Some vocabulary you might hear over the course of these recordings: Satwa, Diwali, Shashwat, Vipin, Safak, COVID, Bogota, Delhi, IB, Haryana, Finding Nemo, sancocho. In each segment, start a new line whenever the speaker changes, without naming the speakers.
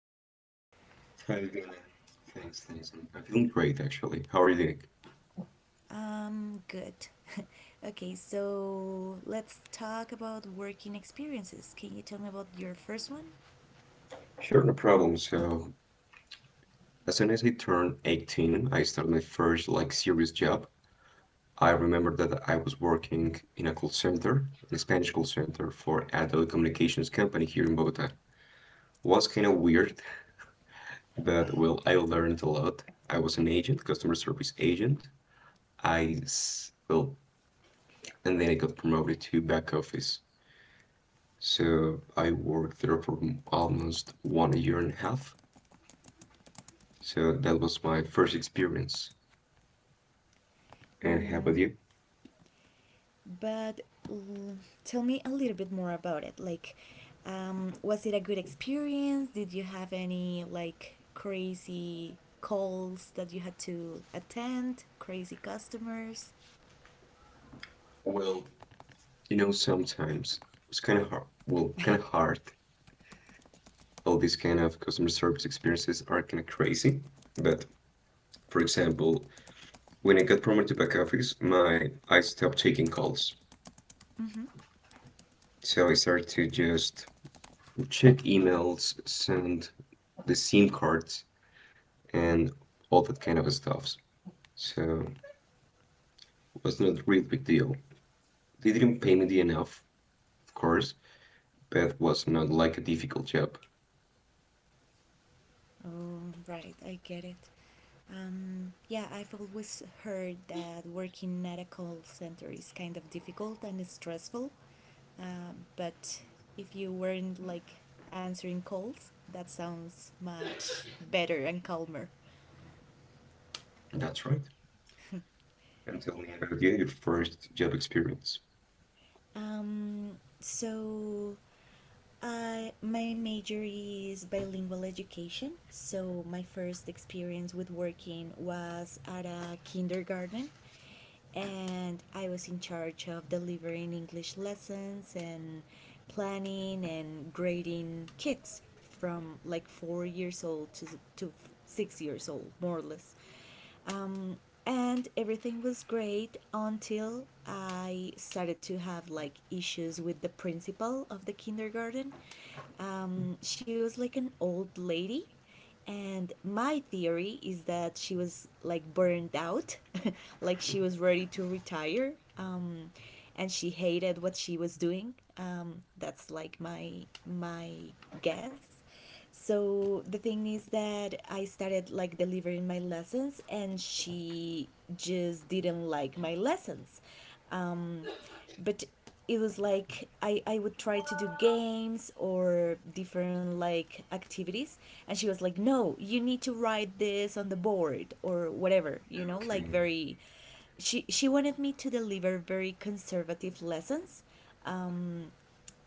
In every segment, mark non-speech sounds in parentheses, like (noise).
today?
How you doing? Thanks, thanks. I'm feeling great actually. How are you doing?
Good. (laughs) Okay, so let's talk about working experiences. Can you tell me about your first one?
Sure, no problem. So, as soon as I turned 18, I started my first like serious job. I remember that I was working in a call center, a Spanish call center for a telecommunications company here in Bogota. Was kind of weird, but
Why?
well, I learned a lot. I was an agent, customer service agent. Well, and then I got promoted to back office. So I worked there for almost 1 year and a half. So that was my first experience. And how about
Mm.
you?
But l- tell me a little bit more about it. Was it a good experience? Did you have any like crazy calls that you had to attend? Crazy customers?
Well, sometimes it's kind of hard. Well, kind of hard. All these kind of customer service experiences are kind of crazy. But for example, when I got promoted to back office, my I stopped taking calls.
Mm-hmm.
So I started to just check emails, send the SIM cards, and all that kind of stuff. So it was not really a real big deal. They didn't pay me enough, of course, but it was not like a difficult job.
Oh, right, I get it. Yeah, I've always heard that working at a call center is kind of difficult and stressful. But if you weren't like answering calls, that sounds much better and calmer.
That's right. And tell me about, yeah, your first job experience.
So I my major is bilingual education. So my first experience with working was at a kindergarten, and I was in charge of delivering English lessons and planning and grading kids from like 4 years old to 6 years old, more or less. Um, and everything was great until I started to have like issues with the principal of the kindergarten. She was like an old lady, and my theory is that she was like burned out, (laughs) like she was ready to retire, and she hated what she was doing. That's like my guess. So the thing is that I started like delivering my lessons, and she just didn't like my lessons. Um, but it was like I would try to do games or different like activities, and she was like, no, you need to write this on the board or whatever, you know,
Okay,
like very, she wanted me to deliver very conservative lessons.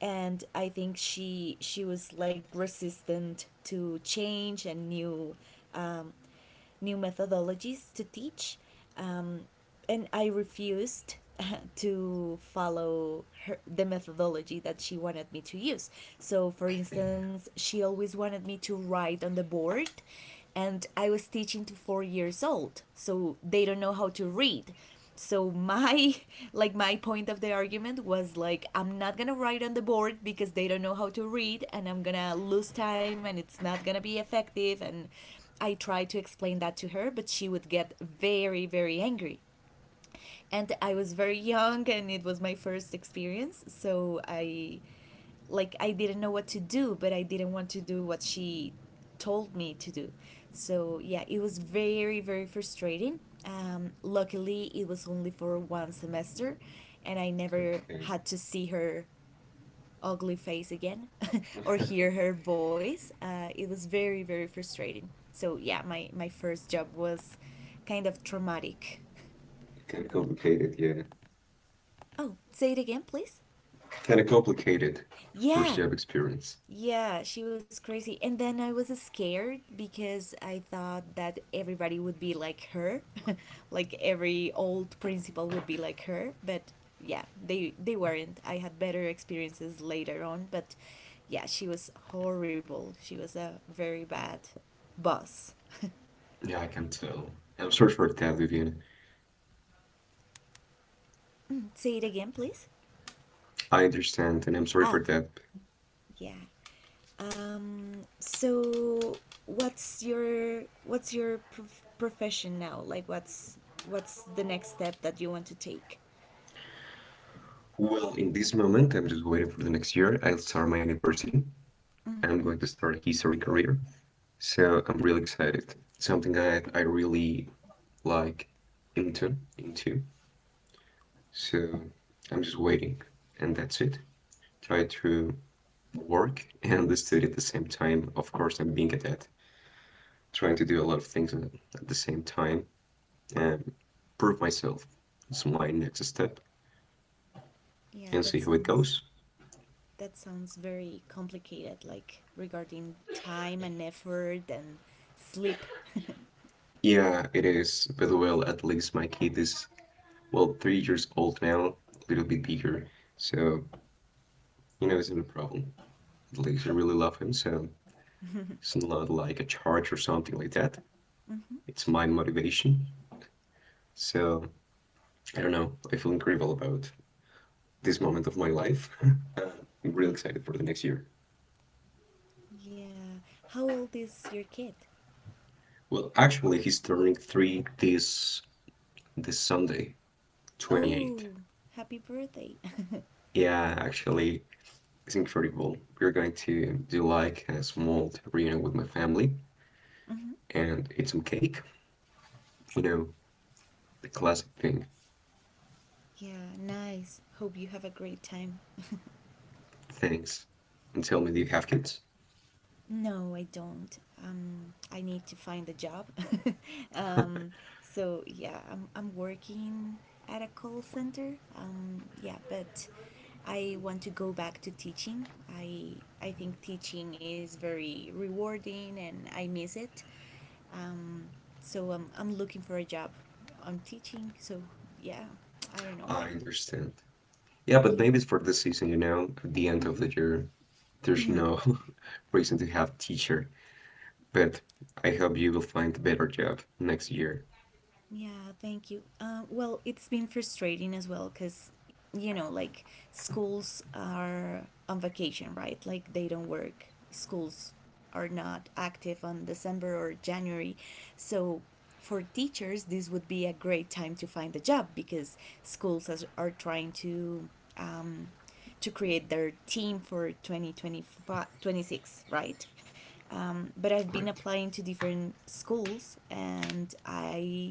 And I think she was like resistant to change and new, um, new methodologies to teach, um, and I refused (laughs) to follow her, the methodology that she wanted me to use. So, for
okay,
instance, she always wanted me to write on the board, and I was teaching to 4 years old, so they don't know how to read. So my (laughs) like my point of the argument was like, I'm not gonna write on the board because they don't know how to read, and I'm gonna lose time and it's not gonna be effective. And I tried to explain that to her, but she would get very very angry. And I was very young and it was my first experience, so I, like, I didn't know what to do, but I didn't want to do what she told me to do. So yeah, it was very very frustrating. Luckily, it was only for one semester, and I never
okay.
had to see her ugly face again (laughs) or hear her voice. It was very very frustrating. So yeah, my first job was kind of traumatic.
Kind of complicated, yeah.
Oh, say it again, please.
Kind of complicated. First
Yeah,
job experience.
yeah, she was crazy. And then I was scared because I thought that everybody would be like her, (laughs) like every old principal would be like her, but yeah, they weren't. I had better experiences later on, but yeah, she was horrible. She was a very bad boss. (laughs)
Yeah, I can tell. I'm sorry for that, Vivian.
Say it again, please.
I understand, and I'm sorry for
Oh,
that.
yeah. So what's your profession now? Like what's the next step that you want to take?
Well, in this moment, I'm just waiting for the next year. I'll start my university.
Mm-hmm.
I'm going to start a history career. So I'm really excited. Something I really like into. So I'm just waiting, and that's it. Try to work and study at the same time. Of course, I'm being a dad, trying to do a lot of things at the same time and prove myself. It's my next step
Yeah,
and
that
see how it
sounds
goes.
that sounds very complicated, like regarding time and effort and sleep. (laughs)
Yeah, it is. But well, at least my kid is, well, 3 years old now, a little bit bigger. So, it's not a problem. At least I
Mm-hmm.
really love him. So it's not like a charge or something like that. It's my motivation. So I don't know. I feel incredible about this moment of my life. (laughs) Uh, I'm really
Yeah.
excited for the next year.
Yeah. How old is your kid?
Well, actually, he's turning three this Sunday, 28th.
Oh, happy birthday.
Yeah, actually, it's incredible. We're going to do like a small reunion with my family
(laughs) Hmm.
and eat some cake. You know, the classic thing.
Yeah, nice. Hope you have a great time. (laughs)
Thanks. And tell me, do you have kids?
No, I don't. I need to find a job. (laughs) um, so yeah, I'm working at a call center. Yeah, but I want to go back to teaching. I think teaching is very rewarding, and I miss it. Um, so I'm looking for a job on teaching. So yeah, I don't know. I,
I understand. Yeah, but
yeah.
maybe it's for this season, at the end of the year, there's no (laughs) reason to have teacher. But I hope you will find a better job next year.
Yeah, thank you. Well, it's been frustrating as well because, you know, like, schools are on vacation, right? Like they don't work. Schools are not active on December or January. So for teachers, this would be a great time to find a job because are trying to, um, to create their team for 2026, right? But I've been
Right.
applying to different schools and I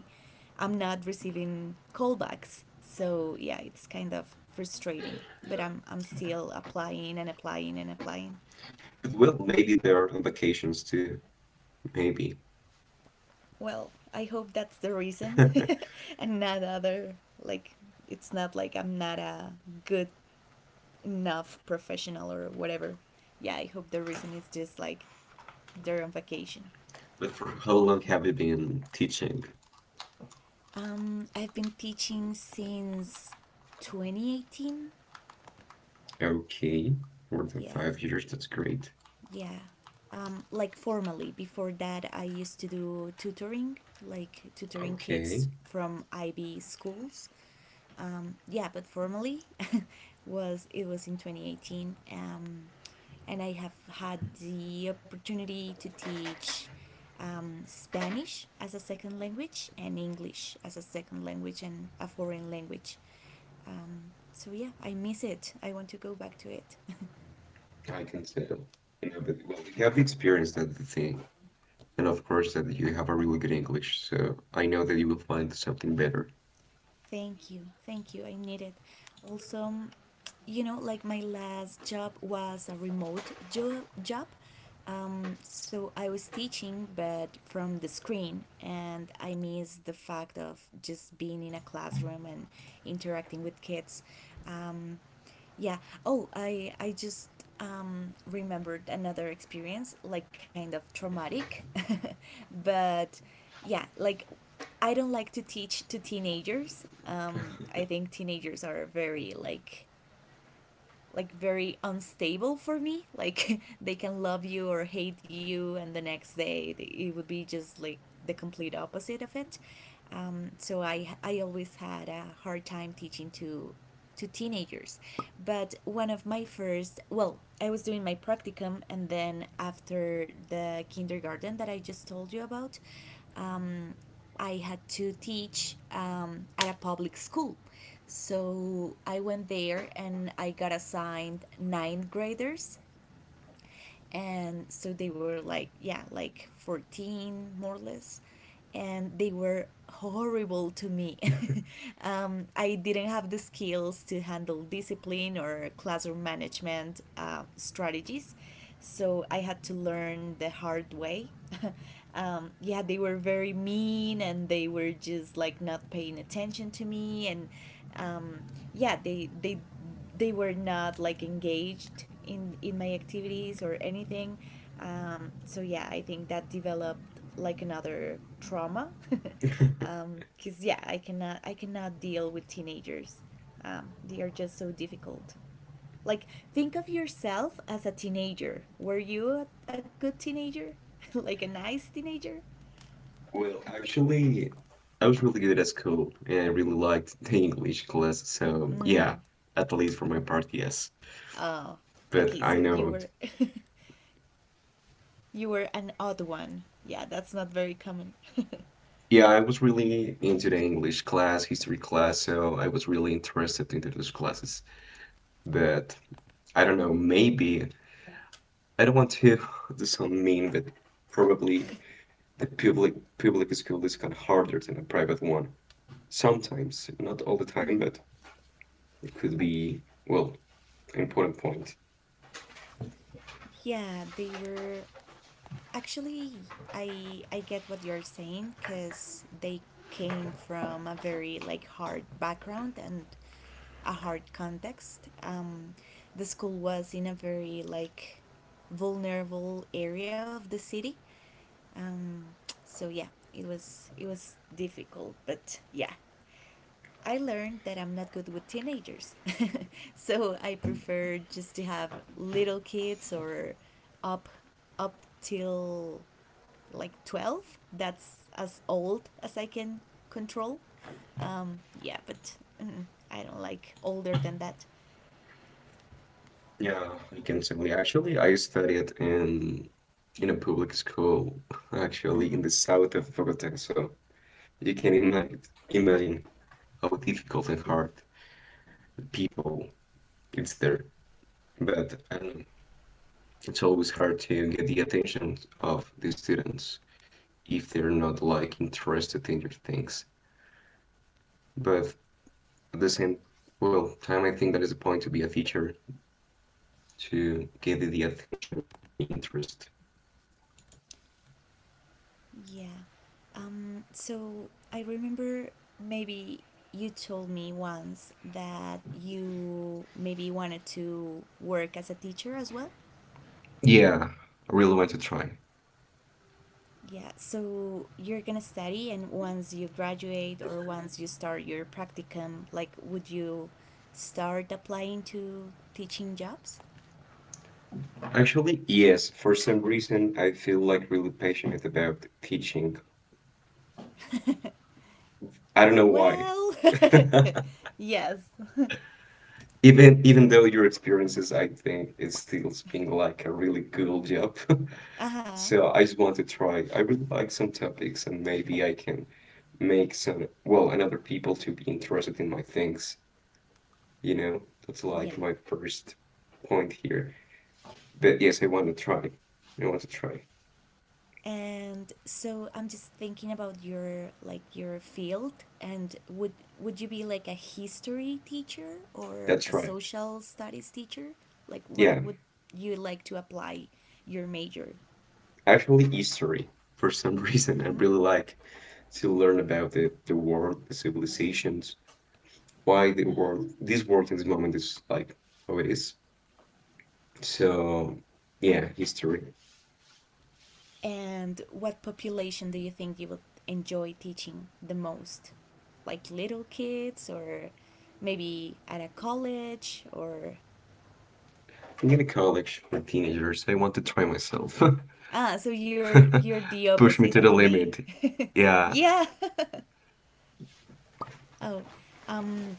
I'm not receiving callbacks. So yeah, it's kind of frustrating. But I'm still applying and applying and applying.
But well, maybe they're on vacations too. Maybe. (laughs)
Well, I hope that's the reason (laughs) and not other, like, it's not like I'm not a good enough professional or whatever. Yeah, I hope the reason is just like they're on vacation.
But for how long have you been teaching?
I've been teaching since 2018.
Okay, more than
Yeah,
5 years. That's great.
yeah. Like formally. Before that, I used to do tutoring, like tutoring
Okay,
kids from IB schools. Yeah, but formally (laughs) was it was in 2018, and I have had the opportunity to teach, Spanish as a second language and English as a second language and a foreign language. So yeah, I miss it. I want to go back to it. (laughs)
I can tell. But well, you have the experience. That's the thing. And of course, that you have a really good English. So I know that you will
Um,
find something better.
Thank you, thank you. I need it. Also, you know, like my last job was a remote job. So I was teaching, but from the screen, and I missed the fact of just being in a classroom and interacting with kids. Um, yeah. Oh, I just remembered another experience, like kind of traumatic, (laughs) but yeah, like, I don't like to teach to teenagers. I think teenagers are very like very unstable for me, like (laughs) they can love you or hate you, and the next day it would be just like the complete opposite of it. So I always had a hard time teaching to teenagers. But one of my first, well, I was doing my practicum and then after the kindergarten that I just told you about, um, I had to teach, at a public school. So I went there and I got assigned ninth graders, and so they were like, yeah, like 14, more or less. And they were horrible to me. (laughs) I didn't have the skills to handle discipline or classroom management, strategies. So I had to learn the hard way. (laughs) Yeah, they were very mean, and they were just like not paying attention to me, and um, yeah, they were not like engaged in my activities or anything. So yeah, I think that developed like another trauma, (laughs) because yeah, I cannot deal with teenagers. They are just so difficult. Like, think of yourself as a teenager. Were you a good teenager? (laughs) Like a nice teenager?
Well, actually, I was really good at school and I really liked the English class, so yeah, at least for my part, yes.
Oh,
But
okay. So
I
you
know,
were (laughs) you were an odd one. Yeah, that's not very common. (laughs)
yeah, I was really into the English class, history class, so I was really interested into those classes. But I don't know, maybe I don't want to (laughs) do sound mean, but probably the public school is kind of harder than a private one. Sometimes, not all the time,
Mhm.
but it could be, well, an important point.
Yeah, they were, actually, I get what you're saying because they came from a very like hard background and a hard context. The school was in a very like vulnerable area of the city. Um, so yeah, it was difficult, but yeah. I learned that I'm not good with teenagers. (laughs) So I prefer just to have little kids or up up till like 12. That's as old as I can control. Yeah, but mm, I don't like older than that.
Yeah, I can say. We Actually, I studied in a public school, actually
Mm-hmm.
in the south of Bogota. So you can imagine how difficult and hard the people it's there. But I don't know. It's always hard to get the attention of the students if they're not like interested in your things. But at the same time, I think that is a point to be a teacher to get the attention and the interest.
Yeah. So I remember, maybe you told me once that you maybe wanted to work as a teacher as well.
Yeah, I really want to try.
Yeah, so you're gonna study, and once you graduate or once you start your practicum, like, would you start applying to teaching jobs?
Actually, yes. For some reason, I feel like really passionate about teaching.
(laughs)
I don't know why.
Well, (laughs) yes. (laughs)
Even though your experiences, I think, it still being like a really cool job. (laughs)
uh huh.
So I just want to try. I really like some topics, and maybe I can make some well, and other people to be interested in my things. You know, that's like
Yeah.
my first point here. But yes, I want to try. I want to try.
And so I'm just thinking about your like your field, and would you be like a history teacher or
That's
a
right.
social studies teacher? Like what
Yeah,
would you like to apply your major?
actually, history. For some (laughs) reason, I
Hmm.
really like to learn about the world, the civilizations, why the world, this world in this moment is like how it is. So, yeah, history.
And what population do you think you would enjoy teaching the most? Like little kids or maybe at a college or,
In the college for teenagers, I want to try myself.
ah, so you're the
(laughs)
opposite
Push me
of
to the
me.
limit.
(laughs)
Yeah,
Yeah. (laughs) Oh. Um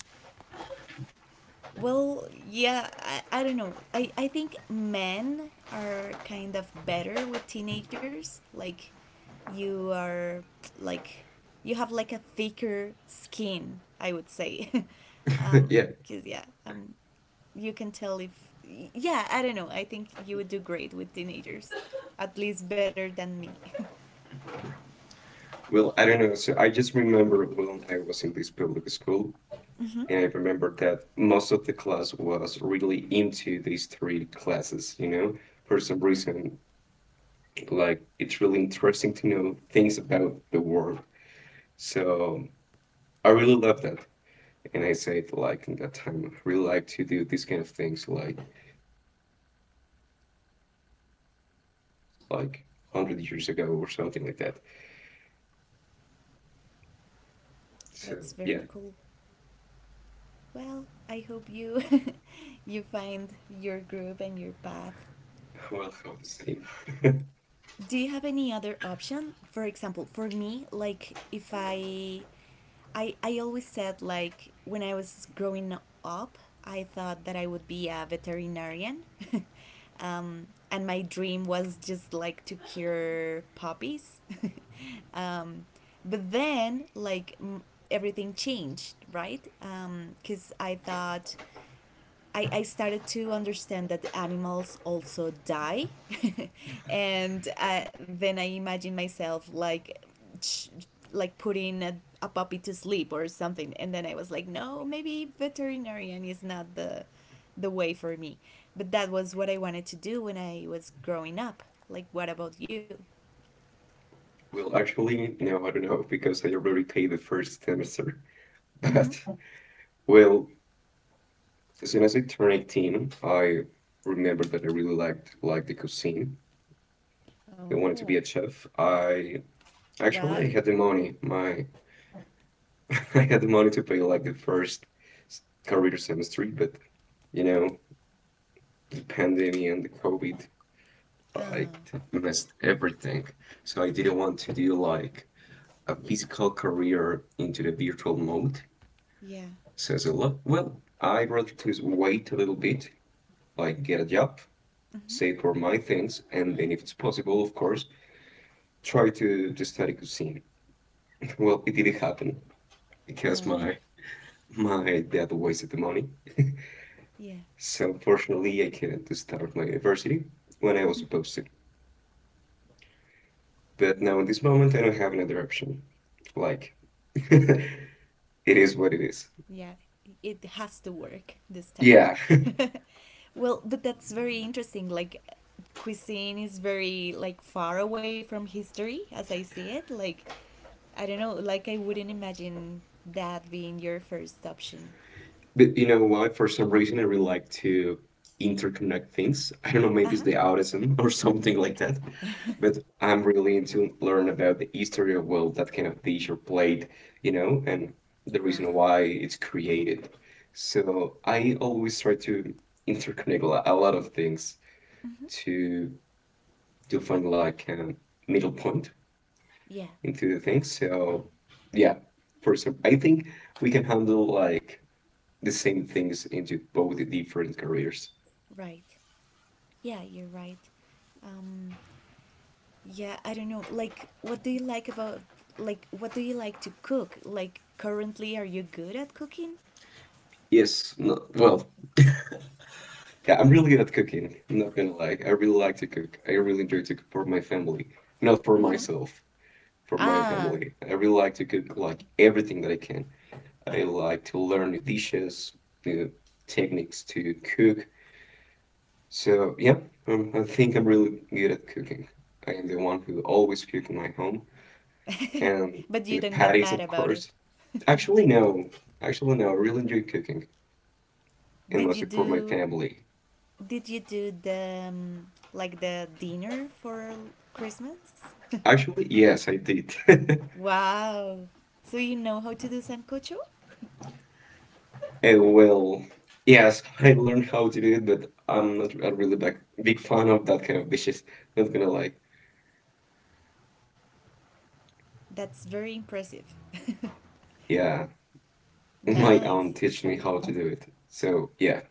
well, yeah, I don't know. I think men are kind of better with teenagers. Like, you are, like, you have like a thicker skin, I would say. (laughs)
(laughs)
um
yeah.
cuz yeah, you can tell if, yeah, I don't know. I think you would do great with teenagers. At least better than me. (laughs)
Well, I don't know. So I just remember when I was in this public school,
Mhm.
and I remember that most of the class was really into these three classes, for some reason. Like, it's really interesting to know things about the world. So I really love that. And I said, like, in that time, I really like to do these kind of things, like 100 years ago or something like that. So,
That's very
yeah,
cool. Well, I hope you (laughs) you find your group and your path.
well, I the same. (laughs)
Do you have any other option? For example, for me, like if I always said, like, when I was growing up, I thought that I would be a veterinarian. (laughs) And my dream was just like to cure puppies. (laughs) um, but then like, everything changed, right? Cuz I thought, I started to understand that animals also die. (laughs) And then I imagine myself like putting a puppy to sleep or something. And then I was like, no, maybe veterinarian is not the way for me. But that was what I wanted to do when I was growing up. Like, what about you?
Well, actually, no, I don't know, because I already paid the first semester. (laughs)
Mm-hmm.
But, well, as soon as I turned 18, I remembered that I really liked, like, the cuisine. I wanted
Oh,
to be a chef. I
well.
Actually I had the money. My (laughs) I had the money to pay like the first career semester, but you know, the pandemic and the COVID
Oh,
like messed everything. So I didn't want to do like a physical career into the virtual mode.
yeah.
So I said, well, I'd rather to wait a little bit, like get a job,
Mm-hmm.
save for my things, and then if it's possible, of course, try to study cuisine. (laughs) Well, it didn't happen because
Oh,
my dad wasted the money.
yeah.
So unfortunately, I couldn't start my university when I was supposed to. But now in this moment, I don't have another option. Like, (laughs) it is what it is.
Yeah, it has to work this time.
Yeah. (laughs)
(laughs) well, but that's very interesting. Like, cuisine is very like far away from history as I see it. Like, I don't know, like I wouldn't imagine that being your first option.
But you know why? For some reason, I really like to interconnect things. I don't know, maybe it's the
Uh-huh.
autism (laughs) or something like that. But
(laughs)
I'm really into learn about the history of, well, that kind of dish or plate, and the reason why
wow.
it's created. So I always try to interconnect a lot of things
Hmm.
to to find like a middle point
Yeah.
into the thing. So yeah, for example, I think we can handle like the same things into both the different careers.
Right. Yeah, you're right. um yeah, I don't know, like what do you like about, like what do you like to cook? Like currently, are you good at cooking?
Yes, no, well, yeah, I'm really good at cooking. I'm not gonna lie. I really like to cook. I really enjoy to cook for my family, not for
Mm-hmm.
myself, for my
Ah.
family. I really like to cook like everything that I can. I like to learn new dishes, new techniques to cook. So yeah, I think I'm really good at cooking. I am the one who always cook in my home.
(laughs)
And
but you
the
don't get
patties,
mad
of
about it.
course. Actually, no. Actually, no. I really enjoy cooking,
(laughs)
and
did you
mostly for my
do
family.
did you do the like the dinner for Christmas?
Actually, yes, I did. (laughs)
(laughs) wow. So you know how to do sancocho? (laughs)
And well, yes, I learned how to do it, but I'm not a really big, big fan of that kind of dishes. Not gonna lie.
that's very impressive. (laughs)
Yeah, (laughs) my aunt
nice.
teach me how to do it. So yeah.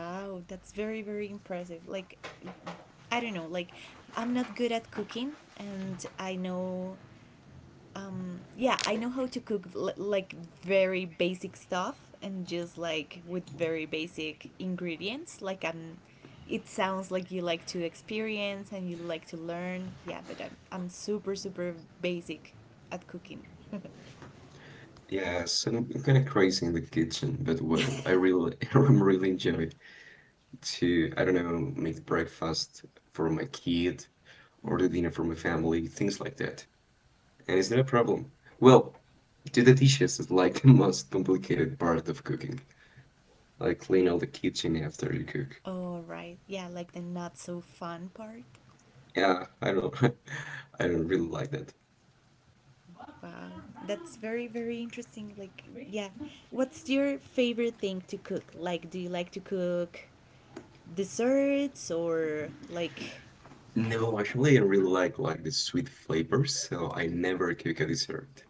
Wow, that's very very impressive. Like, I don't know, like I'm not good at cooking, and I know, yeah, I know how to cook like very basic stuff and just like with very basic ingredients. Like, I'm it sounds like you like to experience and you like to learn. Yeah, but I'm super super basic at cooking. (laughs)
Yeah, so I'm kind of crazy in the kitchen, but well, I really, (laughs) I really enjoy to, I don't know, make breakfast for my kid order
Mm-hmm.
dinner for my family, things like that. And it's not a problem. Well, do the dishes is like (laughs) the most complicated part of cooking. Like clean all the kitchen after you cook.
All right, yeah, like the not so fun part.
Yeah, I don't, (laughs) I don't really like that.
Wow, that's very very interesting. Like, yeah, what's your favorite thing to cook? Like, do you like to cook desserts or like?
No, actually, I really like the sweet flavors, so I never cook a dessert.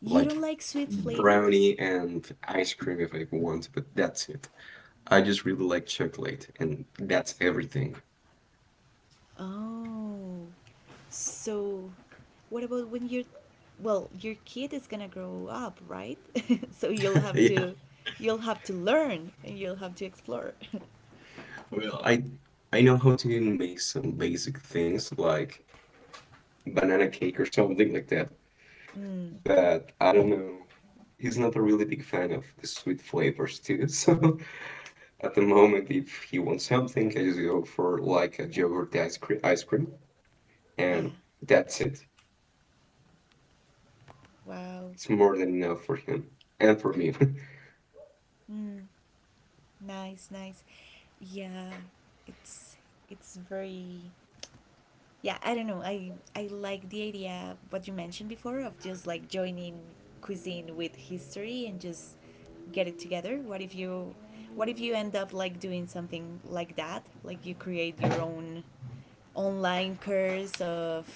You
Like
don't like sweet flavors?
brownie and ice cream if I want, but that's it. I just really like chocolate, and that's everything.
Oh. So what about when you're, well, your kid is going to grow up, right? (laughs) so you'll
(laughs)
have
Yeah.
to learn and you'll have to explore. (laughs)
Well, I know how to make some basic things like banana cake or something like that.
mm.
But I don't know. He's not a really big fan of the sweet flavors too. So (laughs) at the moment, if he wants something, I just go for like a yogurt ice cream,
Yeah.
and that's it.
Wow.
It's more than enough for him and for me. (laughs)
Mm. Nice, nice. Yeah. It's it's very, yeah, I don't know. I like the idea what you mentioned before of just like joining cuisine with history and just get it together. What if you end up like doing something like that, like you create your own online course of,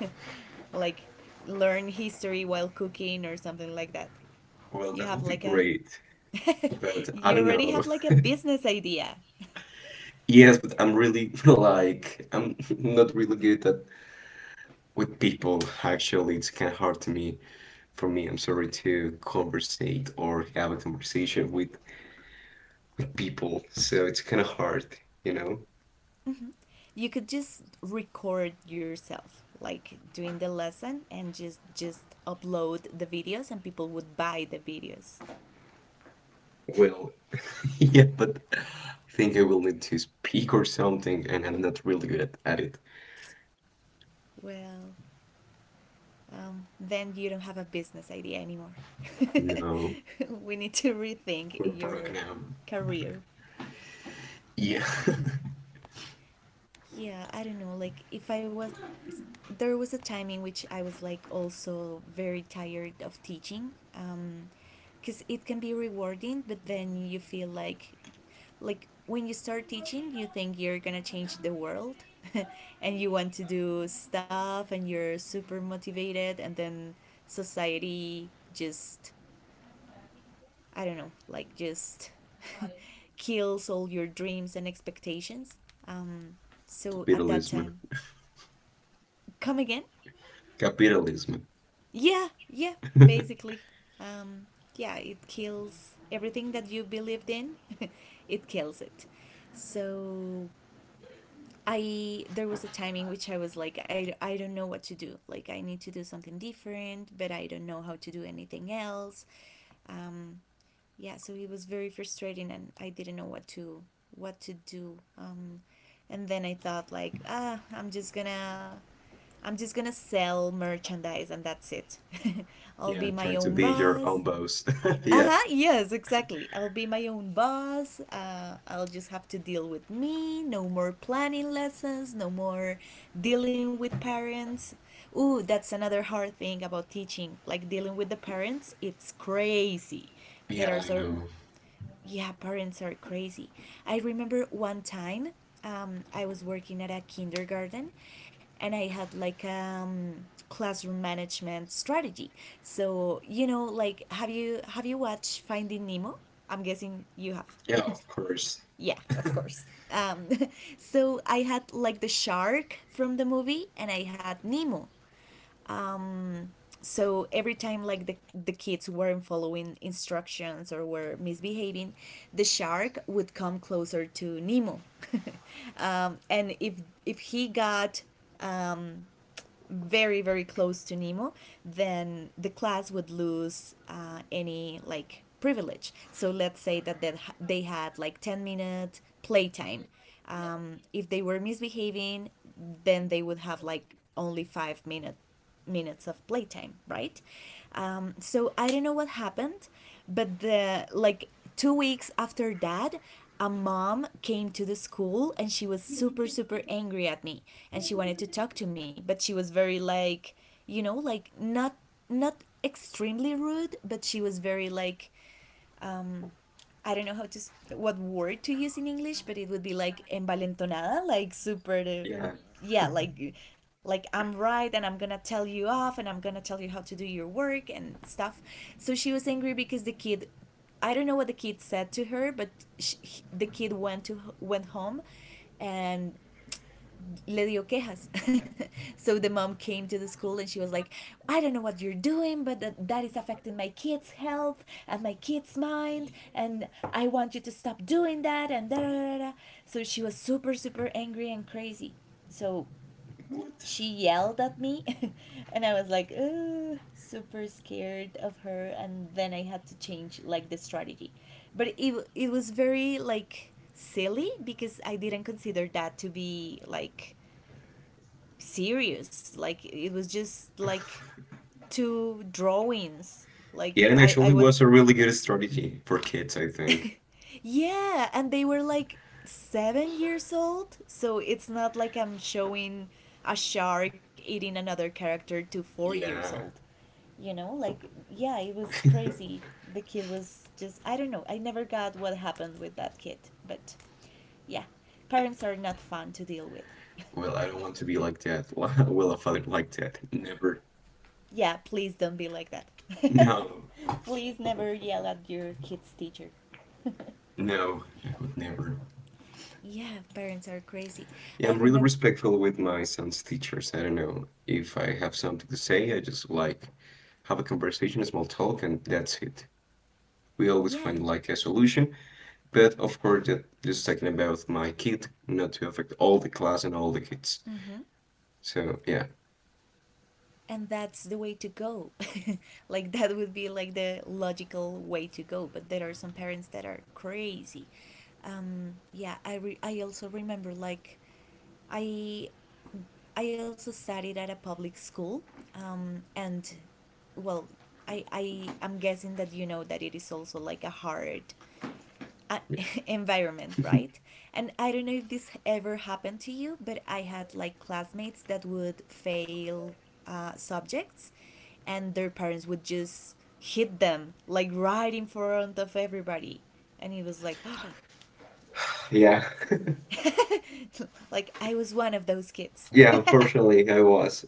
(laughs) like, learn history while cooking or something like that?
Well,
You
that
have
would be
like a,
great, but
(laughs)
I
you
don't
already
know.
have like a
(laughs)
business idea.
Yes, but I'm really (laughs) like I'm (laughs) not really good at with people. Actually, it's kind of hard to me. For me, I'm sorry to conversate or have a conversation with people, so it's kind of hard, you know?
You could just record yourself like doing the lesson and just upload the videos, and people would buy the videos.
Well, (laughs) Yeah, but I think I will need to speak or something, and I'm not really good at it.
Well, then you don't have a business idea anymore.
No,
(laughs) we need to rethink
we're broke
your
now.
career.
Yeah,
Yeah, I don't know. Like, if I was, there was a time in which I was like also very tired of teaching, because it can be rewarding, but then you feel like when you start teaching, you think you're gonna change the world, (laughs) and you want to do stuff, and you're super motivated, and then society just, I don't know, like just (laughs) kills all your dreams and expectations. Um,
(laughs)
so at that
capitalism.
time. Come again?
Capitalism.
Yeah, yeah, basically. Um, yeah, it kills everything that you believed in. (laughs) it kills it. So I there was a time in which I was like I don't know what to do. Like, I need to do something different, but I don't know how to do anything else. Um, yeah, so it was very frustrating and I didn't know what to do. And then I thought like, ah, I'm just gonna sell merchandise and that's it. (laughs) I'll
Yeah,
be my
trying to
own
be your
boss.
own boss. (laughs) Yeah.
Uh-huh. Yes, exactly, I'll be my own boss. I'll just have to deal with me. No more planning lessons, no more dealing with parents. Ooh, that's another hard thing about teaching, like dealing with the parents. It's crazy. There
Yeah,
are
I
so,
know.
yeah, parents are crazy. I remember one time, I was working at a kindergarten and I had like classroom management strategy. So, you know, like, have you watched Finding Nemo? I'm guessing you have.
Yeah, of course.
(laughs) yeah. Um, (laughs) so I had like the shark from the movie and I had Nemo. So every time like the kids weren't following instructions or were misbehaving, the shark would come closer to Nemo. (laughs) And if he got, um, very very close to Nemo, then the class would lose any like privilege. So let's say that they had like 10-minute playtime. If they were misbehaving, then they would have like only five-minute minutes of playtime, right? So I don't know what happened, but the like 2 weeks after that, a mom came to the school and she was super super angry at me, and she wanted to talk to me, but she was very like, you know, like not not extremely rude, but she was very like, um I don't know how to what word to use in English, but it would be like envalentonada, like super,
Yeah.
yeah, like I'm right and I'm gonna tell you off and I'm gonna tell you how to do your work and stuff. So she was angry because the kid, I don't know what the kid said to her, but she, the kid went home, and le dio quejas. (laughs) so the mom came to the school and she was like, I don't know what you're doing, but that is affecting my kids' health and my kids' mind, and I want you to stop doing that, and da da da da. So she was super, super angry and crazy. So
What?
she yelled at me, (laughs) and I was like, "Ugh," super scared of her, and then I had to change like the strategy. But it was very like silly because I didn't consider that to be like serious. Like, it was just like two drawings.
Yeah,
Like,
and
I
actually
was,
was a really good strategy for kids, I think.
(laughs) yeah, and they were like 7 years old, so it's not like I'm showing a shark eating another character to 4 years
Yeah.
old, you know? Like, yeah, it was crazy. The kid was just, I don't know, I never got what happened with that kid, but yeah, parents are not fun to deal with. (laughs)
Well, I don't want to be like that. (laughs) Well, a father like that. Never.
Yeah, please don't be like that.
No.
(laughs) please never yell at your kid's teacher. (laughs)
No, I would never.
Yeah, parents are crazy.
Yeah, I'm
I
really
remember.
respectful with my son's teachers. I don't know if I have something to say, I just like have a conversation, a small talk, and that's it. We always
Yeah.
find like a solution, but of course, that just talking about my kid, not to affect all the class and all the kids.
Mm-hmm.
So yeah,
And that's the way to go. (laughs) like, that would be like the logical way to go. But there are some parents that are crazy. Yeah, I also remember, like, I I also studied at a public school, and well, I am guessing that you know that it is also like a hard, uh, (laughs)
yeah,
environment, right? And I don't know if this ever happened to you, but I had like classmates that would fail subjects, and their parents would just hit them like right in front of everybody, and it was like, (gasps) oh,
yeah, (laughs)
(laughs) like I was one of those kids.
yeah. Unfortunately, I
(laughs)
was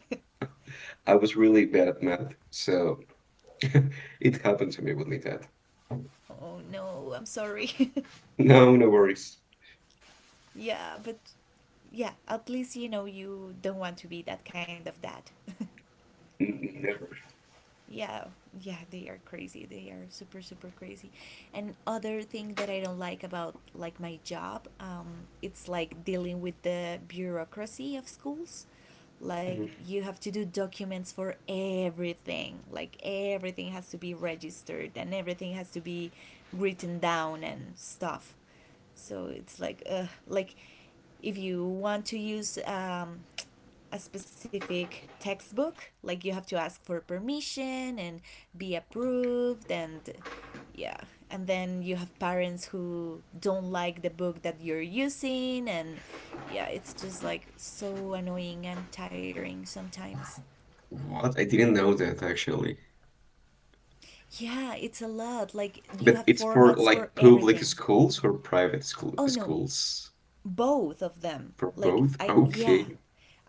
I was really bad at math, so (laughs) it happened to me with my dad.
oh no, I'm sorry.
No, no worries.
(laughs) yeah, but yeah, at least you know you don't want to be that kind of dad. (laughs)
Never.
yeah, yeah, they are crazy. They are super super crazy. And other thing that I don't like about like my job, it's like dealing with the bureaucracy of schools. Like, you have to do documents for everything. Like, everything has to be registered and everything has to be written down and stuff. So it's like, uh, like if you want to use, a specific textbook, like you have to ask for permission and be approved and, yeah. And then you have parents who don't like the book that you're using and, yeah, it's just like so annoying and tiring sometimes.
What? I didn't know that actually.
Yeah, it's a lot. Like, you
But
have
it's for
formats for
like public
everything.
schools or private school
Oh no,
schools?
both of them.
For
Like,
both?
I, yeah,
Okay.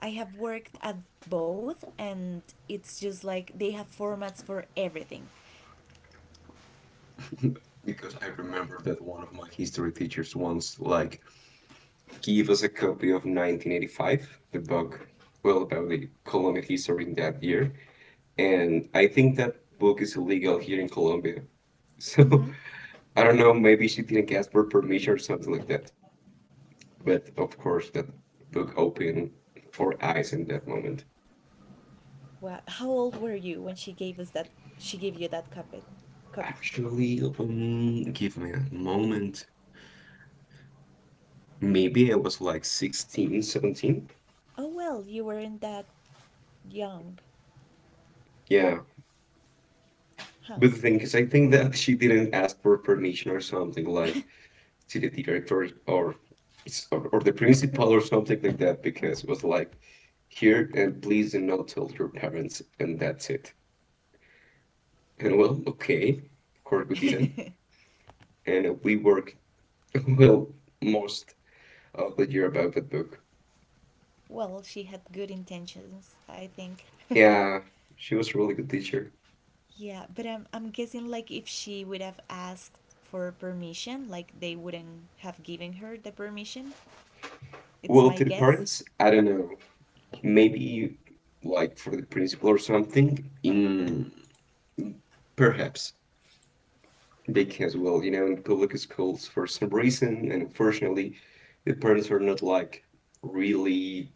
I have worked at both, and it's just like they have formats for everything.
Because I remember that one of my history teachers once like gave us a copy of 1985, the book, well, about the Colombian history in that year. And I think that book is illegal here in Colombia. (laughs) So
Hmm.
I don't know, maybe she didn't ask for permission or something like that. But of course, that book opened for eyes in that moment.
Well, how old were you when she gave us that? She gave you that copy. Copy.
Actually, give me a moment. Maybe I was like 16, 17.
Oh well, you weren't that young,
Yeah.
huh?
But the thing is, I think that she didn't ask for permission or something like
(laughs)
to the director or or the principal or something like that because it was like, here and please do not tell your parents, and that's it. And well, okay. Of course, we didn't. And we worked, (laughs) well, most of the year about that book.
well, she had good intentions, I think.
Yeah, she was a really good teacher.
(laughs) yeah, but I'm guessing like if she would have asked for permission, like they wouldn't have given her the permission. It's
Well,
my
to the
guess.
parents, I don't know. Maybe like for the principal or something. In perhaps they can as well. You know, in public schools, for some reason, and unfortunately, the parents are not like really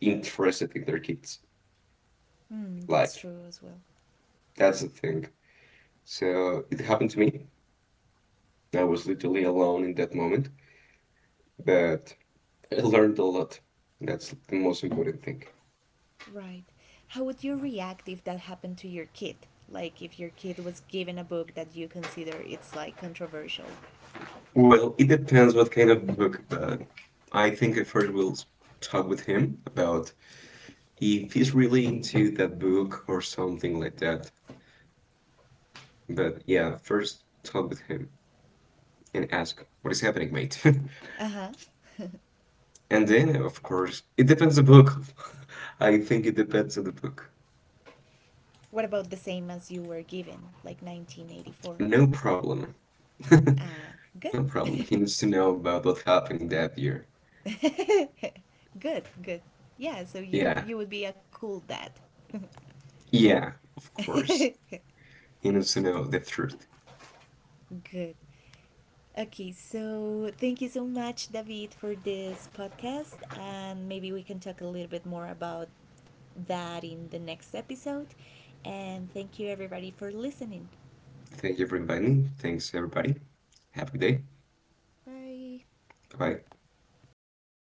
interested in their kids.
Hmm, that's
Like
true as well.
that's the thing. So it happened to me. I was literally alone in that moment, but I learned a lot. That's the most important thing.
Right. How would you react if that happened to your kid? Like if your kid was given a book that you consider it's like controversial.
Well, it depends what kind of book, but I think I first will talk with him about if he's really into that book or something like that. But yeah, first talk with him and ask what is happening, mate. (laughs)
Uh huh. (laughs)
And then, of course, it depends the book. (laughs) I think it depends on the book.
what about the same as you were given, like 1984?
No problem. (laughs)
Uh, good.
No problem. He needs to know about what happened that year.
(laughs) good, good. Yeah, so you
Yeah,
you would be a cool dad.
yeah, of course.
(laughs)
He needs to know the truth.
good. Okay, so thank you so much, David, for this podcast. And maybe we can talk a little bit more about that in the next episode. And thank you, everybody, for listening.
Thank you for inviting me. Thanks, everybody. Have a good day.
Bye.
Bye bye.